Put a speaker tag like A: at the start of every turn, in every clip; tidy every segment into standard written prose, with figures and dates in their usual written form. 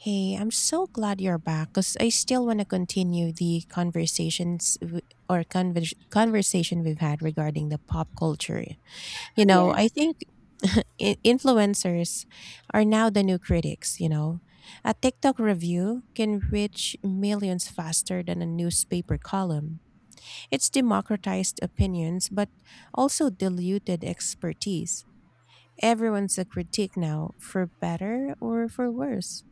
A: Hey, I'm so glad you're back because I still want to continue the conversations w- or conver- conversation we've had regarding the pop culture. You know, I
B: Yes.
A: think Influencers are now the new critics. A TikTok review can reach millions faster than a newspaper column. It's democratized opinions, but also diluted expertise. Everyone's a critique now, for better or for worse.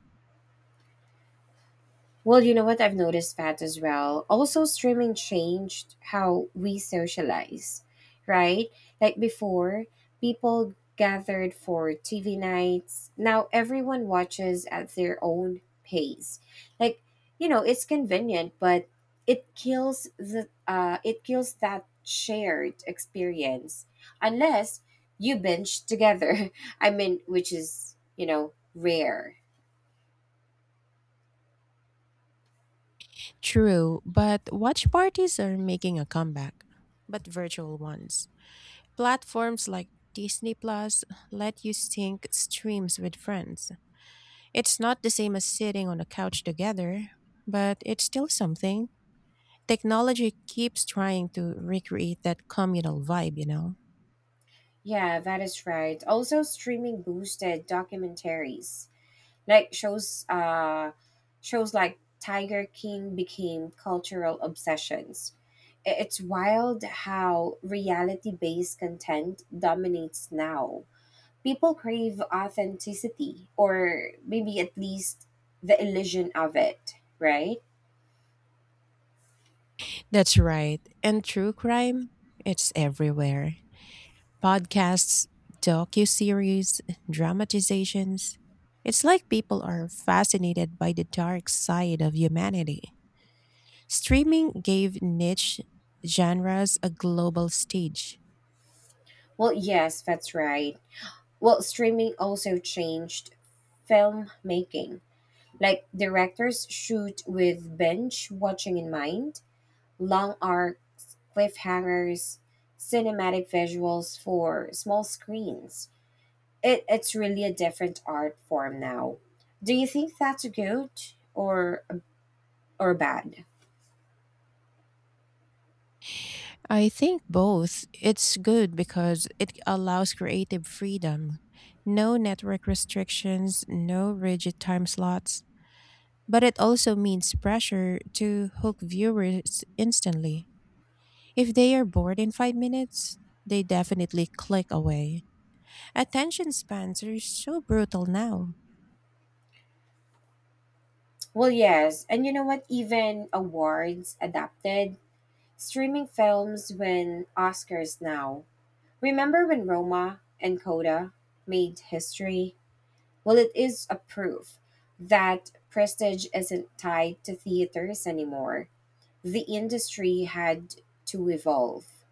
B: Well, you know what? I've noticed that as well. Also, streaming changed how we socialize, right? Like before, people gathered for TV nights. Now everyone watches at their own pace. Like, it's convenient, but it kills the it kills that shared experience unless you binge together. I mean, which is, rare.
A: True, but watch parties are making a comeback, but virtual ones. Platforms like Disney Plus let you sync streams with friends. It's not the same as sitting on a couch together, but it's still something. Technology keeps trying to recreate that communal vibe, you know?
B: Yeah, that is right. Also, streaming boosted documentaries, like shows like Tiger King became cultural obsessions. It's wild how reality-based content dominates now. People crave authenticity, or maybe at least the illusion of it, right?
A: That's right. And true crime, it's everywhere. Podcasts, docuseries, dramatizations. It's like people are fascinated by the dark side of humanity. Streaming gave niche genres a global stage.
B: Well, yes, that's right. Well, streaming also changed filmmaking. Like directors shoot with bench watching in mind, long arc cliffhangers, cinematic visuals for small screens. It's really a different art form now. Do you think that's good or bad?
A: I think both. It's good because it allows creative freedom. No network restrictions, no rigid time slots. But it also means pressure to hook viewers instantly. If they are bored in 5 minutes, they definitely click away. Attention spans are so brutal now.
B: Well, yes, and you know what? Even awards adapted streaming films win Oscars now. Remember when Roma and Coda made history? Well, it is a proof that prestige isn't tied to theaters anymore. The industry had to evolve.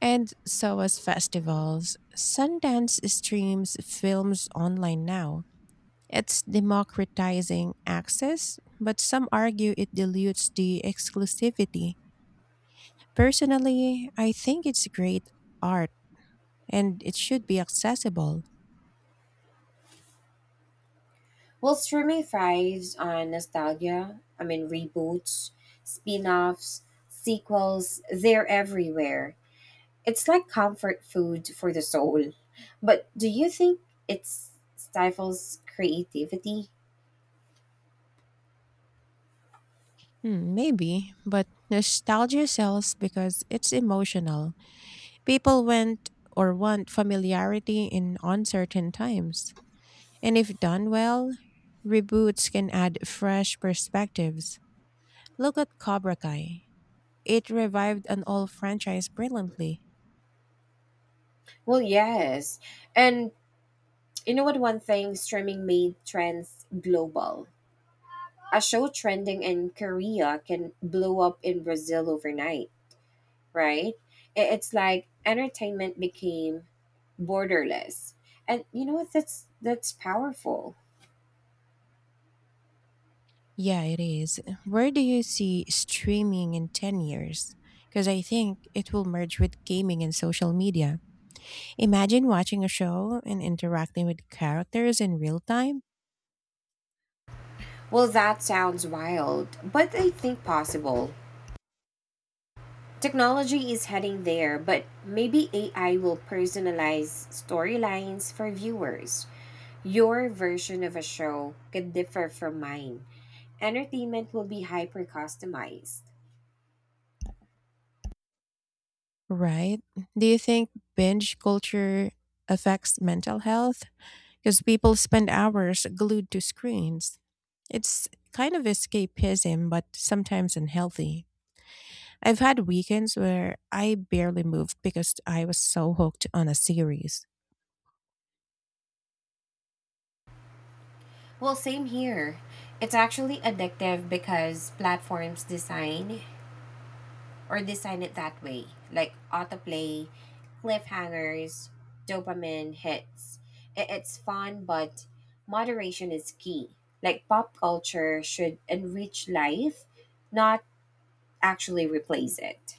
A: And so as festivals, Sundance streams films online now. It's democratizing access, but some argue it dilutes the exclusivity. Personally, I think it's great art and it should be accessible.
B: Well, streaming thrives on nostalgia. I mean, reboots, spin offs, sequels, they're everywhere. It's like comfort food for the soul. But do you think it stifles creativity?
A: Hmm, maybe, but nostalgia sells because it's emotional. People went or want familiarity in uncertain times. And if done well, reboots can add fresh perspectives. Look at Cobra Kai. It revived an old franchise brilliantly.
B: Well, yes. And you know what? One thing streaming made trends global. A show trending in Korea can blow up in Brazil overnight, right? It's like entertainment became borderless. And you know what? That's powerful.
A: Yeah, it is. Where do you see streaming in 10 years? Because I think it will merge with gaming and social media. Imagine watching a show and interacting with characters in real time.
B: Well, that sounds wild, but I think possible. Technology is heading there, but maybe AI will personalize storylines for viewers. Your version of a show could differ from mine. Entertainment will be hyper customized.
A: Right. Do you think binge culture affects mental health? Because people spend hours glued to screens. It's kind of escapism, but sometimes unhealthy. I've had weekends where I barely moved because I was so hooked on a series.
B: Well, same here. It's actually addictive because platforms design or design it that way, like autoplay, cliffhangers, dopamine hits. It's fun, but moderation is key. Like pop culture should enrich life, not actually replace it.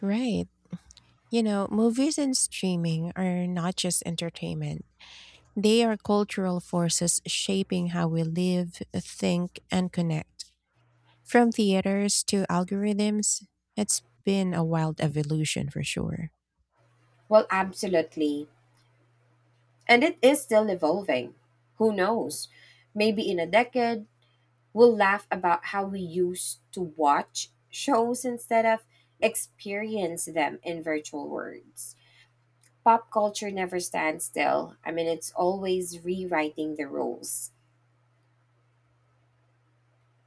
A: Right. You know, movies and streaming are not just entertainment, they are cultural forces shaping how we live, think, and connect. From theaters to algorithms, it's been a wild evolution for sure.
B: Well, absolutely. And it is still evolving. Who knows? Maybe in a decade, we'll laugh about how we used to watch shows instead of experience them in virtual worlds. Pop culture never stands still. I mean, it's always rewriting the rules.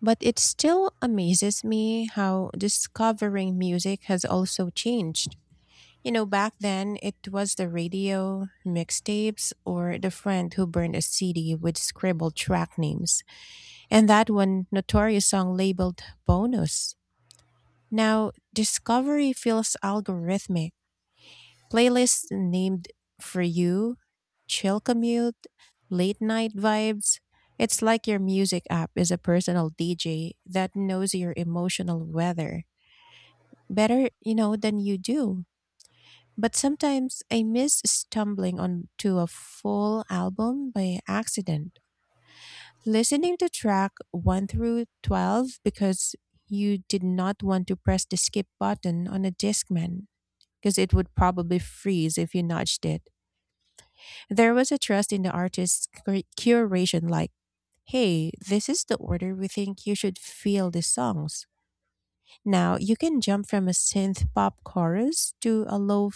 A: But it still amazes me how discovering music has also changed. You know, back then it was the radio, mixtapes, or the friend who burned a CD with scribbled track names, and that one notorious song labeled bonus. Now, discovery feels algorithmic. Playlist named for you, chill commute, late night vibes. It's like your music app is a personal DJ that knows your emotional weather better, than you do. But sometimes I miss stumbling onto a full album by accident. Listening to track 1 through 12 because you did not want to press the skip button on a Discman because it would probably freeze if you nudged it. There was a trust in the artist's curation, like, hey, this is the order we think you should feel the songs. Now you can jump from a synth pop chorus to a low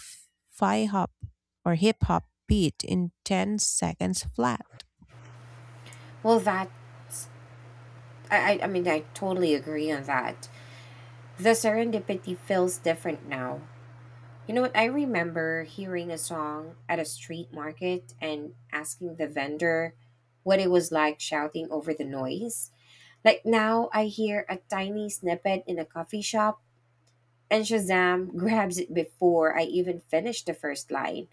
A: fi hop or hip hop beat in 10 seconds flat.
B: Well, that, I mean, I totally agree on that. The serendipity feels different now. You know what? I remember hearing a song at a street market and asking the vendor what it was, like shouting over the noise. Like now, I hear a tiny snippet in a coffee shop, and Shazam grabs it before I even finish the first line.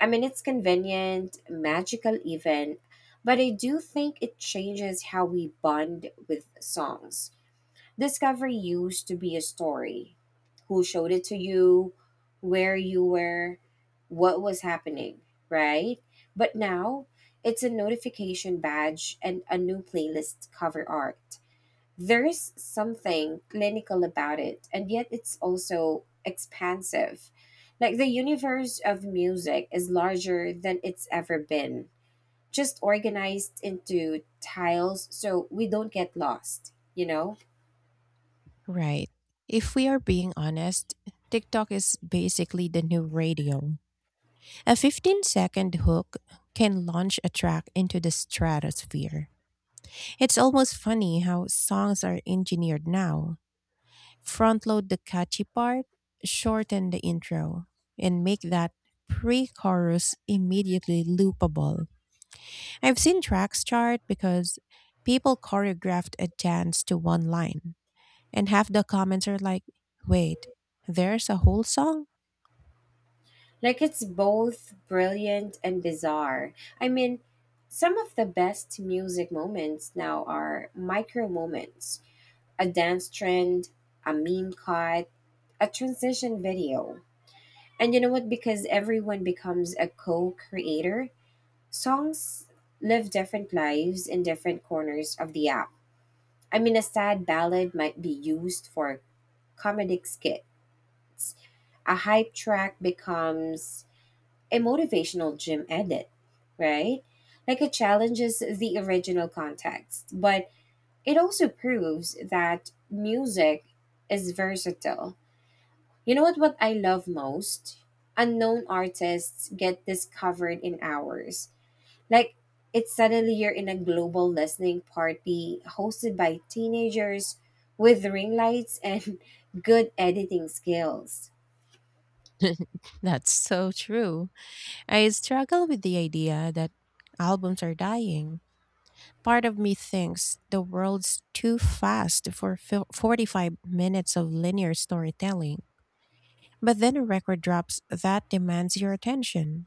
B: I mean, it's convenient, magical, even, but I do think it changes how we bond with songs. Discovery used to be a story, who showed it to you, where you were, what was happening, right? But now, it's a notification badge and a new playlist cover art. There's something clinical about it, and yet it's also expansive. Like the universe of music is larger than it's ever been, just organized into tiles so we don't get lost, you know?
A: Right. If we are being honest, TikTok is basically the new radio. A 15-second hook can launch a track into the stratosphere. It's almost funny how songs are engineered now. Front load the catchy part, shorten the intro, and make that pre chorus immediately loopable. I've seen tracks chart because people choreographed a dance to one line, and half the comments are like, wait, there's a whole song?
B: Like it's both brilliant and bizarre. I mean, some of the best music moments now are micro moments, a dance trend, a meme cut, a transition video. And you know what? Because everyone becomes a co creator, songs live different lives in different corners of the app. I mean, a sad ballad might be used for comedic skits, a hype track becomes a motivational gym edit, right? Like it challenges the original context, but it also proves that music is versatile. You know what I love most? Unknown artists get discovered in hours. Like, it's suddenly you're in a global listening party hosted by teenagers with ring lights and good editing skills.
A: That's so true. I struggle with the idea that albums are dying. Part of me thinks the world's too fast for 45 minutes of linear storytelling. But then a record drops that demands your attention.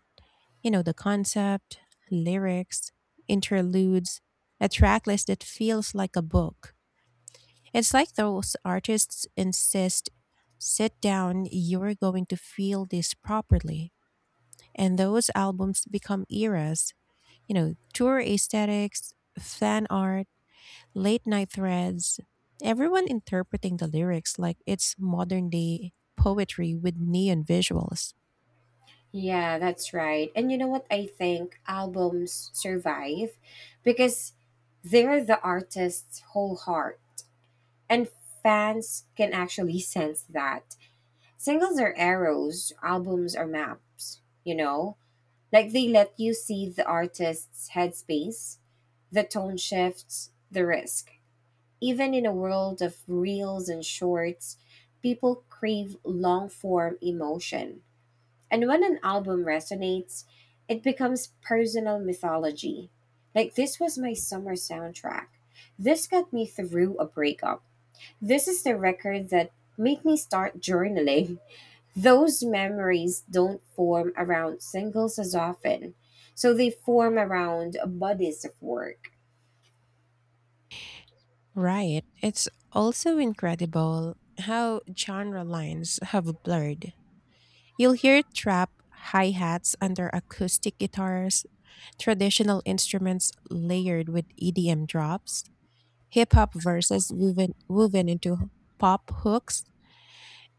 A: The concept, lyrics, interludes, a track list that feels like a book. It's like those artists insist sit down, you're going to feel this properly. And those albums become eras. Tour aesthetics, fan art, late night threads, everyone interpreting the lyrics like it's modern day poetry with neon visuals.
B: Yeah, that's right. And you know what? I think albums survive because they're the artist's whole heart, and fans can actually sense that. Singles are arrows, albums are maps, you know? Like they let you see the artist's headspace, the tone shifts, the risk. Even in a world of reels and shorts, people crave long form emotion. And when an album resonates, it becomes personal mythology. Like this was my summer soundtrack. This got me through a breakup. This is the record that made me start journaling. Those memories don't form around singles as often, so they form around bodies of work.
A: Right. It's also incredible how genre lines have blurred. You'll hear trap hi hats under acoustic guitars, traditional instruments layered with EDM drops, hip hop verses woven into pop hooks,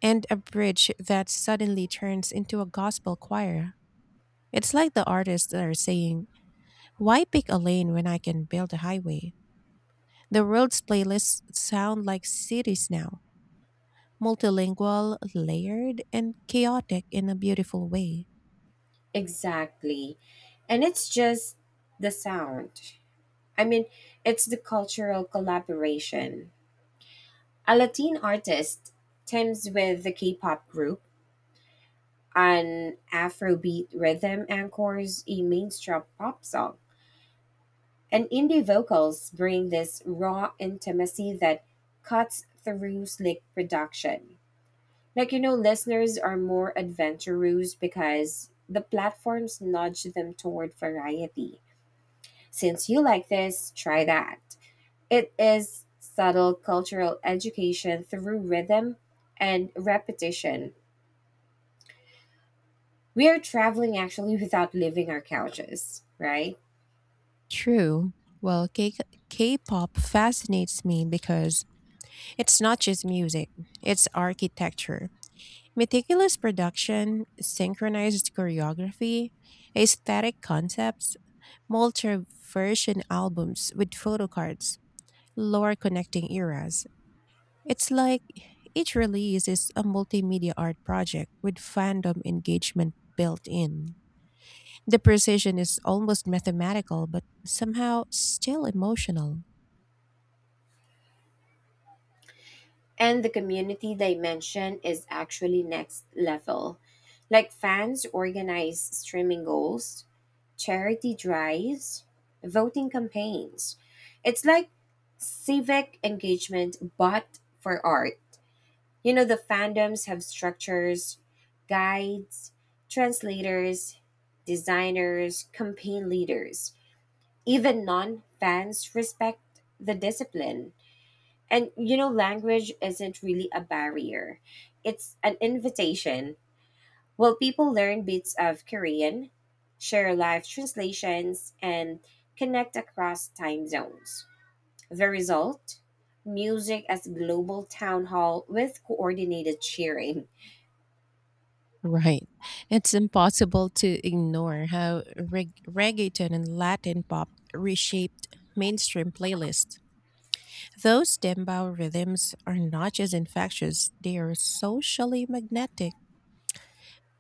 A: and a bridge that suddenly turns into a gospel choir. It's like the artists are saying, why pick a lane when I can build a highway? The world's playlists sound like cities now, multilingual, layered, and chaotic in a beautiful way.
B: Exactly. And it's just the sound. I mean, it's the cultural collaboration. A Latin artist teams with the K pop group, an Afrobeat rhythm anchors a mainstream pop song. And indie vocals bring this raw intimacy that cuts through slick production. Like, you know, listeners are more adventurous because the platforms nudge them toward variety. Since you like this, try that. It is subtle cultural education through rhythm and repetition. We are traveling actually without leaving our couches, right?
A: True. Well, K-pop fascinates me because it's not just music, it's architecture. Meticulous production, synchronized choreography, aesthetic concepts, multi-version albums with photo cards, lore connecting eras. It's like each release is a multimedia art project with fandom engagement built in. The precision is almost mathematical, but somehow still emotional.
B: And the community dimension is actually next level. Like fans organize streaming goals, charity drives, voting campaigns. It's like civic engagement, but for art. You know, the fandoms have structures, guides, translators, designers, campaign leaders. Even non fans respect the discipline, and you know, language isn't really a barrier, it's an invitation. Well, people learn bits of Korean, share live translations, and connect across time zones. The result? Music as global town hall with coordinated cheering.
A: Right. It's impossible to ignore how reggaeton and Latin pop reshaped mainstream playlists. Those dembow rhythms are not just infectious, they are socially magnetic.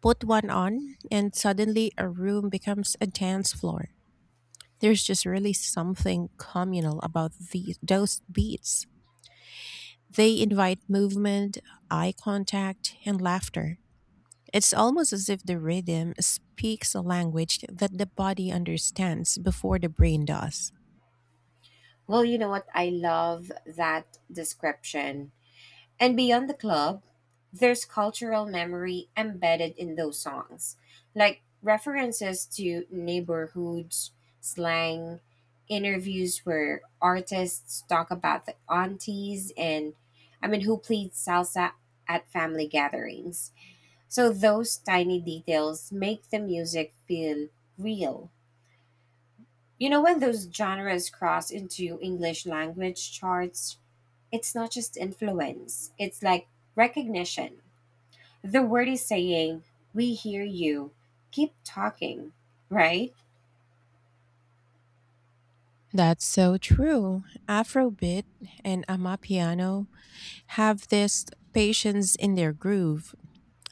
A: Put one on, and suddenly a room becomes a dance floor. There's just really something communal about those beats. They invite movement, eye contact, and laughter. It's almost as if the rhythm speaks a language that the body understands before the brain does.
B: Well, you know what? I love that description. And beyond the club, there's cultural memory embedded in those songs, like references to neighborhoods, slang, interviews where artists talk about the aunties and I mean who played salsa at family gatherings. So those tiny details make the music feel real. You know, when those genres cross into English language charts, it's not just influence, it's like recognition. The word is saying, we hear you, keep talking, right?
A: That's so true. Afrobeat and Amapiano have this patience in their groove,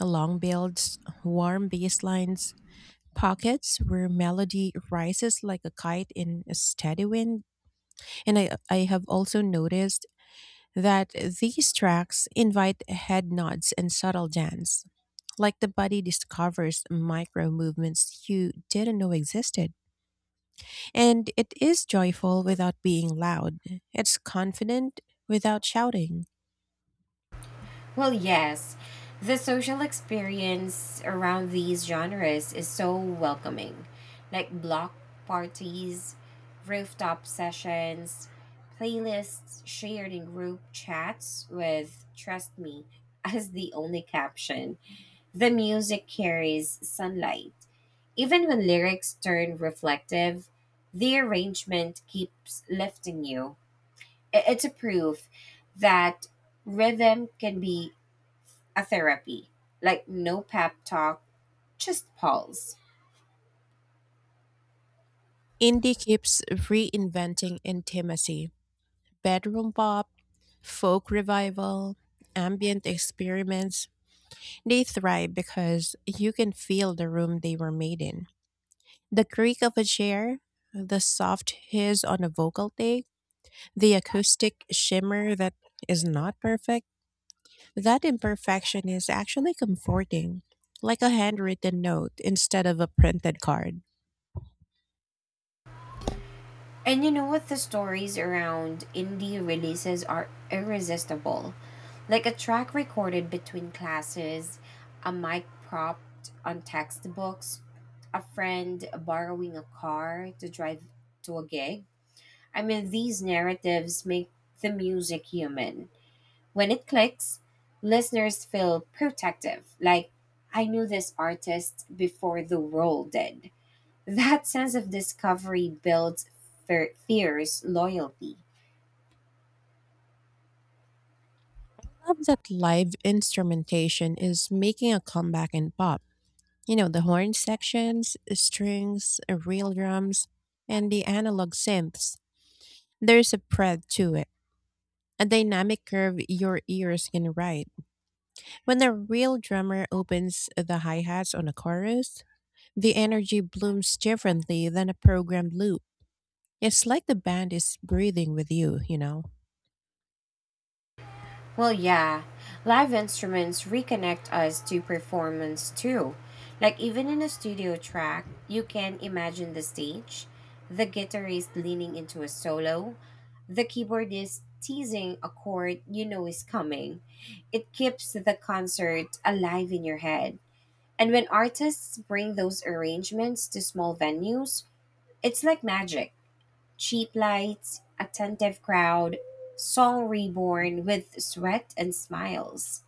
A: long builds, warm bass lines, pockets where melody rises like a kite in a steady wind. And I have also noticed that these tracks invite head nods and subtle dance, like the body discovers micro movements you didn't know existed. And it is joyful without being loud, it's confident without shouting.
B: Well, yes, the social experience around these genres is so welcoming, like block parties, rooftop sessions, playlists shared in group chats with, trust me, as the only caption. The music carries sunlight. Even when lyrics turn reflective, the arrangement keeps lifting you. It's a proof that rhythm can be a therapy. Like no pep talk, just pulse.
A: Indie keeps reinventing intimacy. Bedroom pop, folk revival, ambient experiments, they thrive because you can feel the room they were made in. The creak of a chair, the soft hiss on a vocal take, the acoustic shimmer that is not perfect. That imperfection is actually comforting, like a handwritten note instead of a printed card.
B: And you know what? The stories around indie releases are irresistible. Like a track recorded between classes, a mic propped on textbooks, a friend borrowing a car to drive to a gig. I mean, these narratives make the music human. When it clicks, listeners feel protective, like, I knew this artist before the world did. That sense of discovery builds fierce loyalty.
A: I love that live instrumentation is making a comeback in pop. The horn sections, strings, real drums, and the analog synths. There's a breadth to it, a dynamic curve your ears can ride. When the real drummer opens the hi hats on a chorus, the energy blooms differently than a programmed loop. It's like the band is breathing with you, you know?
B: Well, yeah, live instruments reconnect us to performance too. Like, even in a studio track, you can imagine the stage, the guitarist leaning into a solo, the keyboardist teasing a chord you know is coming. It keeps the concert alive in your head. And when artists bring those arrangements to small venues, it's like magic, cheap lights, attentive crowd, song reborn with sweat and smiles.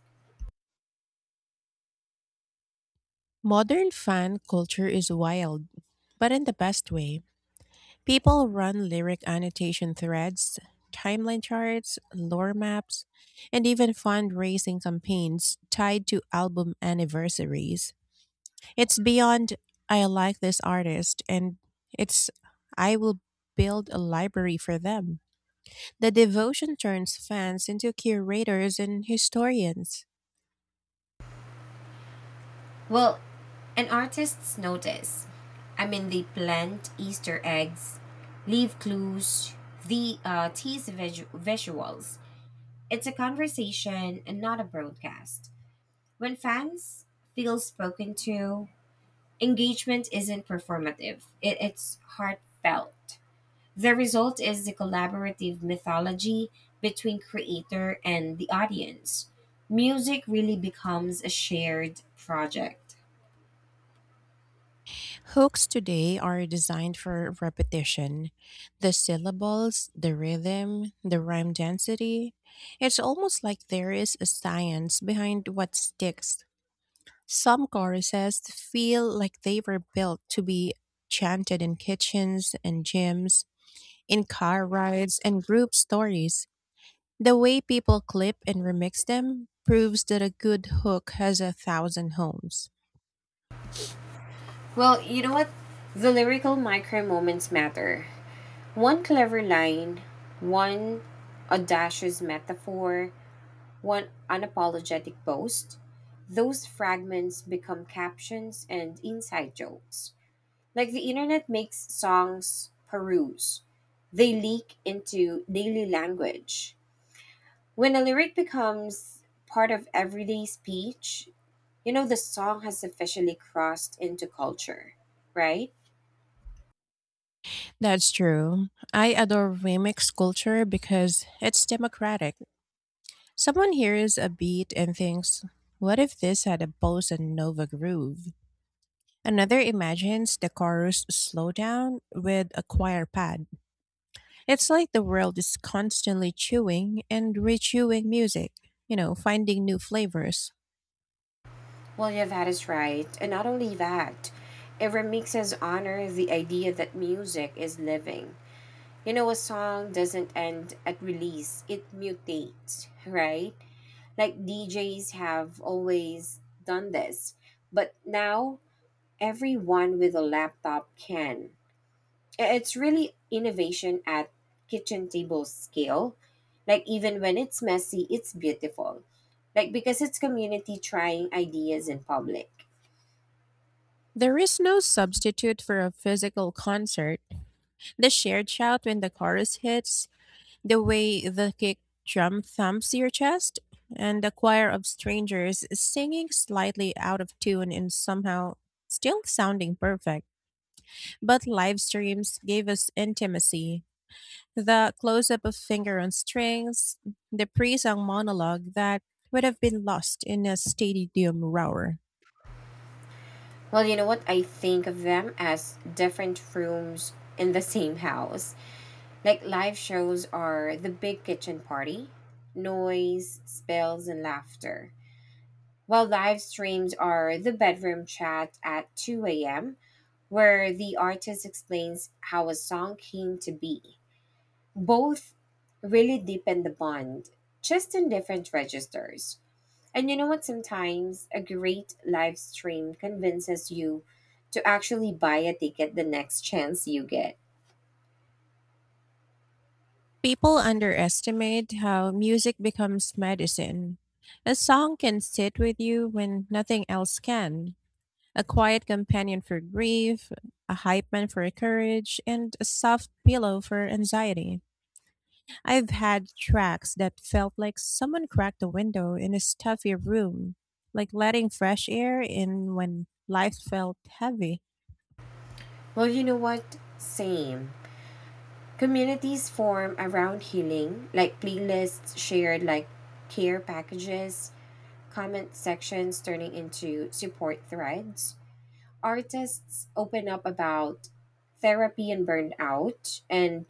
A: Modern fan culture is wild, but in the best way. People run lyric annotation threads, timeline charts, lore maps, and even fundraising campaigns tied to album anniversaries. It's beyond I like this artist and it's I will build a library for them. The devotion turns fans into curators and historians.
B: Well, an artist's notice. I mean, they plant Easter eggs, leave clues, the tease visuals. It's a conversation and not a broadcast. When fans feel spoken to, engagement isn't performative. It's heartfelt. The result is the collaborative mythology between creator and the audience. Music really becomes a shared project.
A: Hooks today are designed for repetition. The syllables, the rhythm, the rhyme density. It's almost like there is a science behind what sticks. Some choruses feel like they were built to be chanted in kitchens and gyms. In car rides and group stories, the way people clip and remix them proves that a good hook has a thousand homes.
B: Well, you know what? The lyrical micro moments matter. One clever line, one audacious metaphor, one unapologetic boast. Those fragments become captions and inside jokes. Like the internet makes songs peruse. They leak into daily language. When a lyric becomes part of everyday speech, you know the song has officially crossed into culture, right?
A: That's true. I adore remix culture because it's democratic. Someone hears a beat and thinks, what if this had a bossa nova groove? Another imagines the chorus slowdown with a choir pad. It's like the world is constantly chewing and rechewing music, finding new flavors.
B: Well, yeah, that is right. And not only that, it remixes honor the idea that music is living. You know, a song doesn't end at release, it mutates, right? Like DJs have always done this, but now everyone with a laptop can. It's really innovation at kitchen table scale. Like, even when it's messy, it's beautiful. Like, because it's community trying ideas in public.
A: There is no substitute for a physical concert. The shared shout when the chorus hits, the way the kick drum thumps your chest, and the choir of strangers singing slightly out of tune and somehow still sounding perfect. But live streams gave us intimacy. The close up of finger on strings, the pre song monologue that would have been lost in a stadium roar.
B: Well, you know what? I think of them as different rooms in the same house. Like live shows are the big kitchen party, noise, spills, and laughter. While live streams are the bedroom chat at 2 a.m., where the artist explains how a song came to be. Both really deepen the bond, just in different registers. And you know what? Sometimes a great live stream convinces you to actually buy a ticket the next chance you get.
A: People underestimate how music becomes medicine. A song can sit with you when nothing else can. A quiet companion for grief, a hype man for courage, and a soft pillow for anxiety. I've had tracks that felt like someone cracked a window in a stuffy room, like letting fresh air in when life felt heavy.
B: Well, you know what? Same. Communities form around healing, like playlists shared, like care packages, comment sections turning into support threads. Artists open up about therapy and burnout, and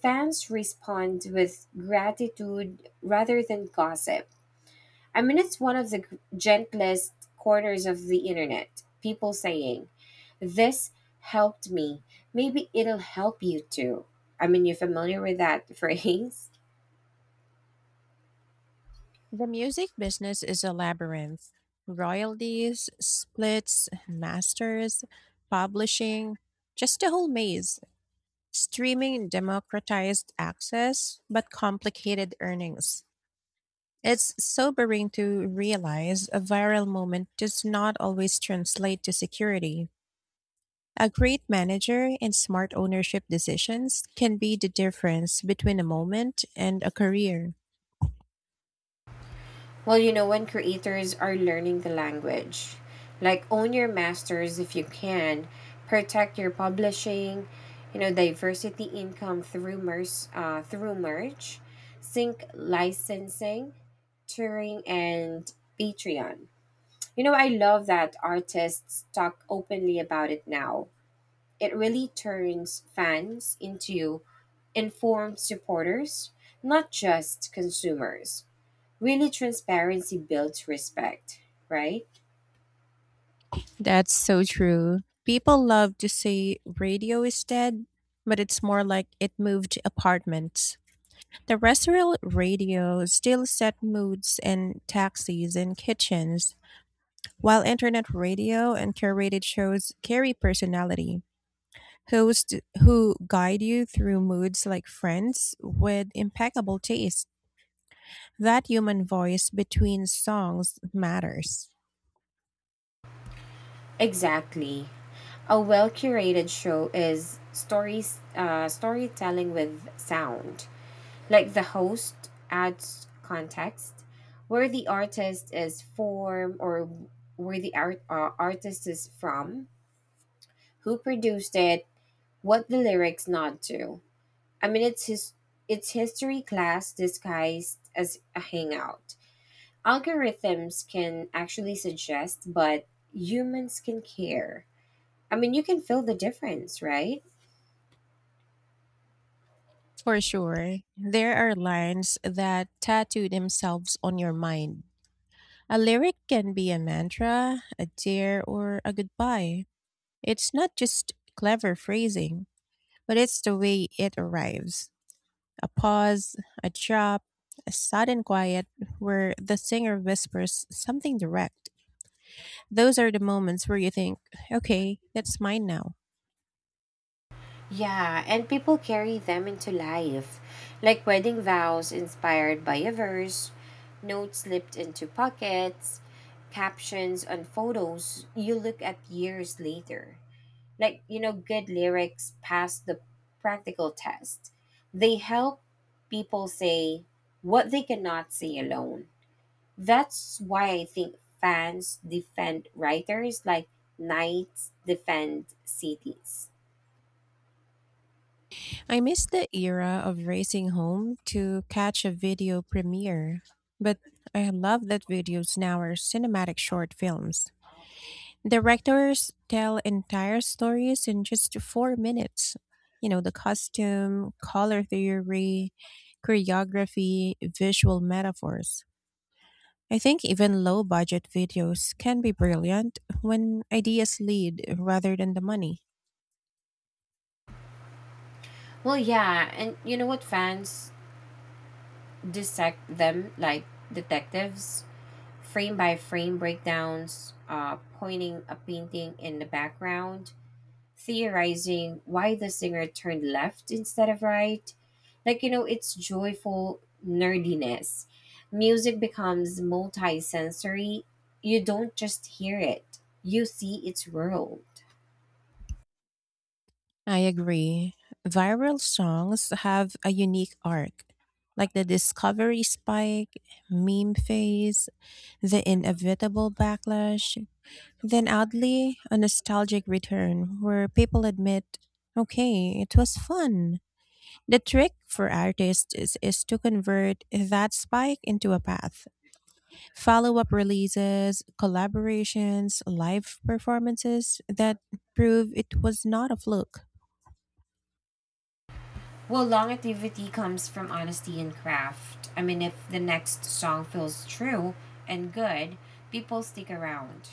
B: fans respond with gratitude rather than gossip. I mean, it's one of the gentlest corners of the internet. People saying, this helped me. Maybe it'll help you too. I mean, you familiar with that phrase?
A: The music business is a labyrinth. Royalties, splits, masters, publishing, just a whole maze. Streaming democratized access, but complicated earnings. It's sobering to realize a viral moment does not always translate to security. A great manager and smart ownership decisions can be the difference between a moment and a career.
B: Well, you know, when creators are learning the language, like own your masters if you can, protect your publishing, you know, diversity income through, merch, sync licensing, touring, and Patreon. You know, I love that artists talk openly about it now. It really turns fans into informed supporters, not just consumers. Really, transparency builds respect, right?
A: That's so true. People love to say radio is dead, but it's more like it moved apartments. Terrestrial radio still set moods in taxis and kitchens, while internet radio and curated shows carry personality. Hosts who guide you through moods like friends with impeccable taste. That human voice between songs matters.
B: Exactly. A well curated show is storytelling with sound. Like the host adds context, where the artist is from or where the art, artist is from, who produced it, what the lyrics nod to. I mean, it's history class disguised as a hangout. Algorithms can actually suggest, but humans can care. I mean, you can feel the difference, right?
A: For sure, there are lines that tattoo themselves on your mind. A lyric can be a mantra, a dare, or a goodbye. It's not just clever phrasing, but it's the way it arrives. A pause, a drop, a sudden quiet where the singer whispers something direct. Those are the moments where you think, okay, that's mine now.
B: Yeah, and people carry them into life, like wedding vows inspired by a verse, notes slipped into pockets, captions on photos you look at years later. Like, you know, good lyrics pass the practical test. They help people say what they cannot say alone. That's why I think fans defend writers like knights defend cities.
A: I miss the era of racing home to catch a video premiere, but I love that videos now are cinematic short films. Directors tell entire stories in just 4 minutes. The costume, color theory, choreography, visual metaphors. I think even low budget videos can be brilliant when ideas lead rather than the money.
B: Well, yeah, and you know what? Fans dissect them like detectives, frame by frame breakdowns, pointing a painting in the background, theorizing why the singer turned left instead of right. Like, you know, it's joyful nerdiness. Music becomes multi sensory. You don't just hear it, you see its world.
A: I agree. Viral songs have a unique arc, like the discovery spike, meme phase, the inevitable backlash, then oddly, a nostalgic return where people admit, okay, it was fun. The trick for artists is to convert that spike into a path. Follow up releases, collaborations, live performances that prove it was not a fluke.
B: Well, longevity comes from honesty and craft. I mean, if the next song feels true and good, people stick around.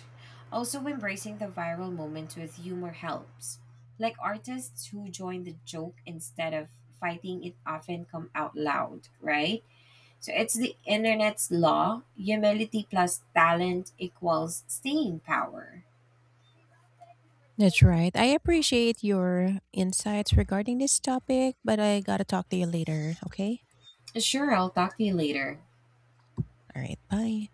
B: Also, embracing the viral moment with humor helps. Like artists who join the joke instead of fighting it often come out loud, right? So it's the internet's law, humility plus talent equals staying power.
A: That's right. I appreciate your insights regarding this topic, but I gotta talk to you later, okay?
B: Sure, I'll talk to you later.
A: All right, bye.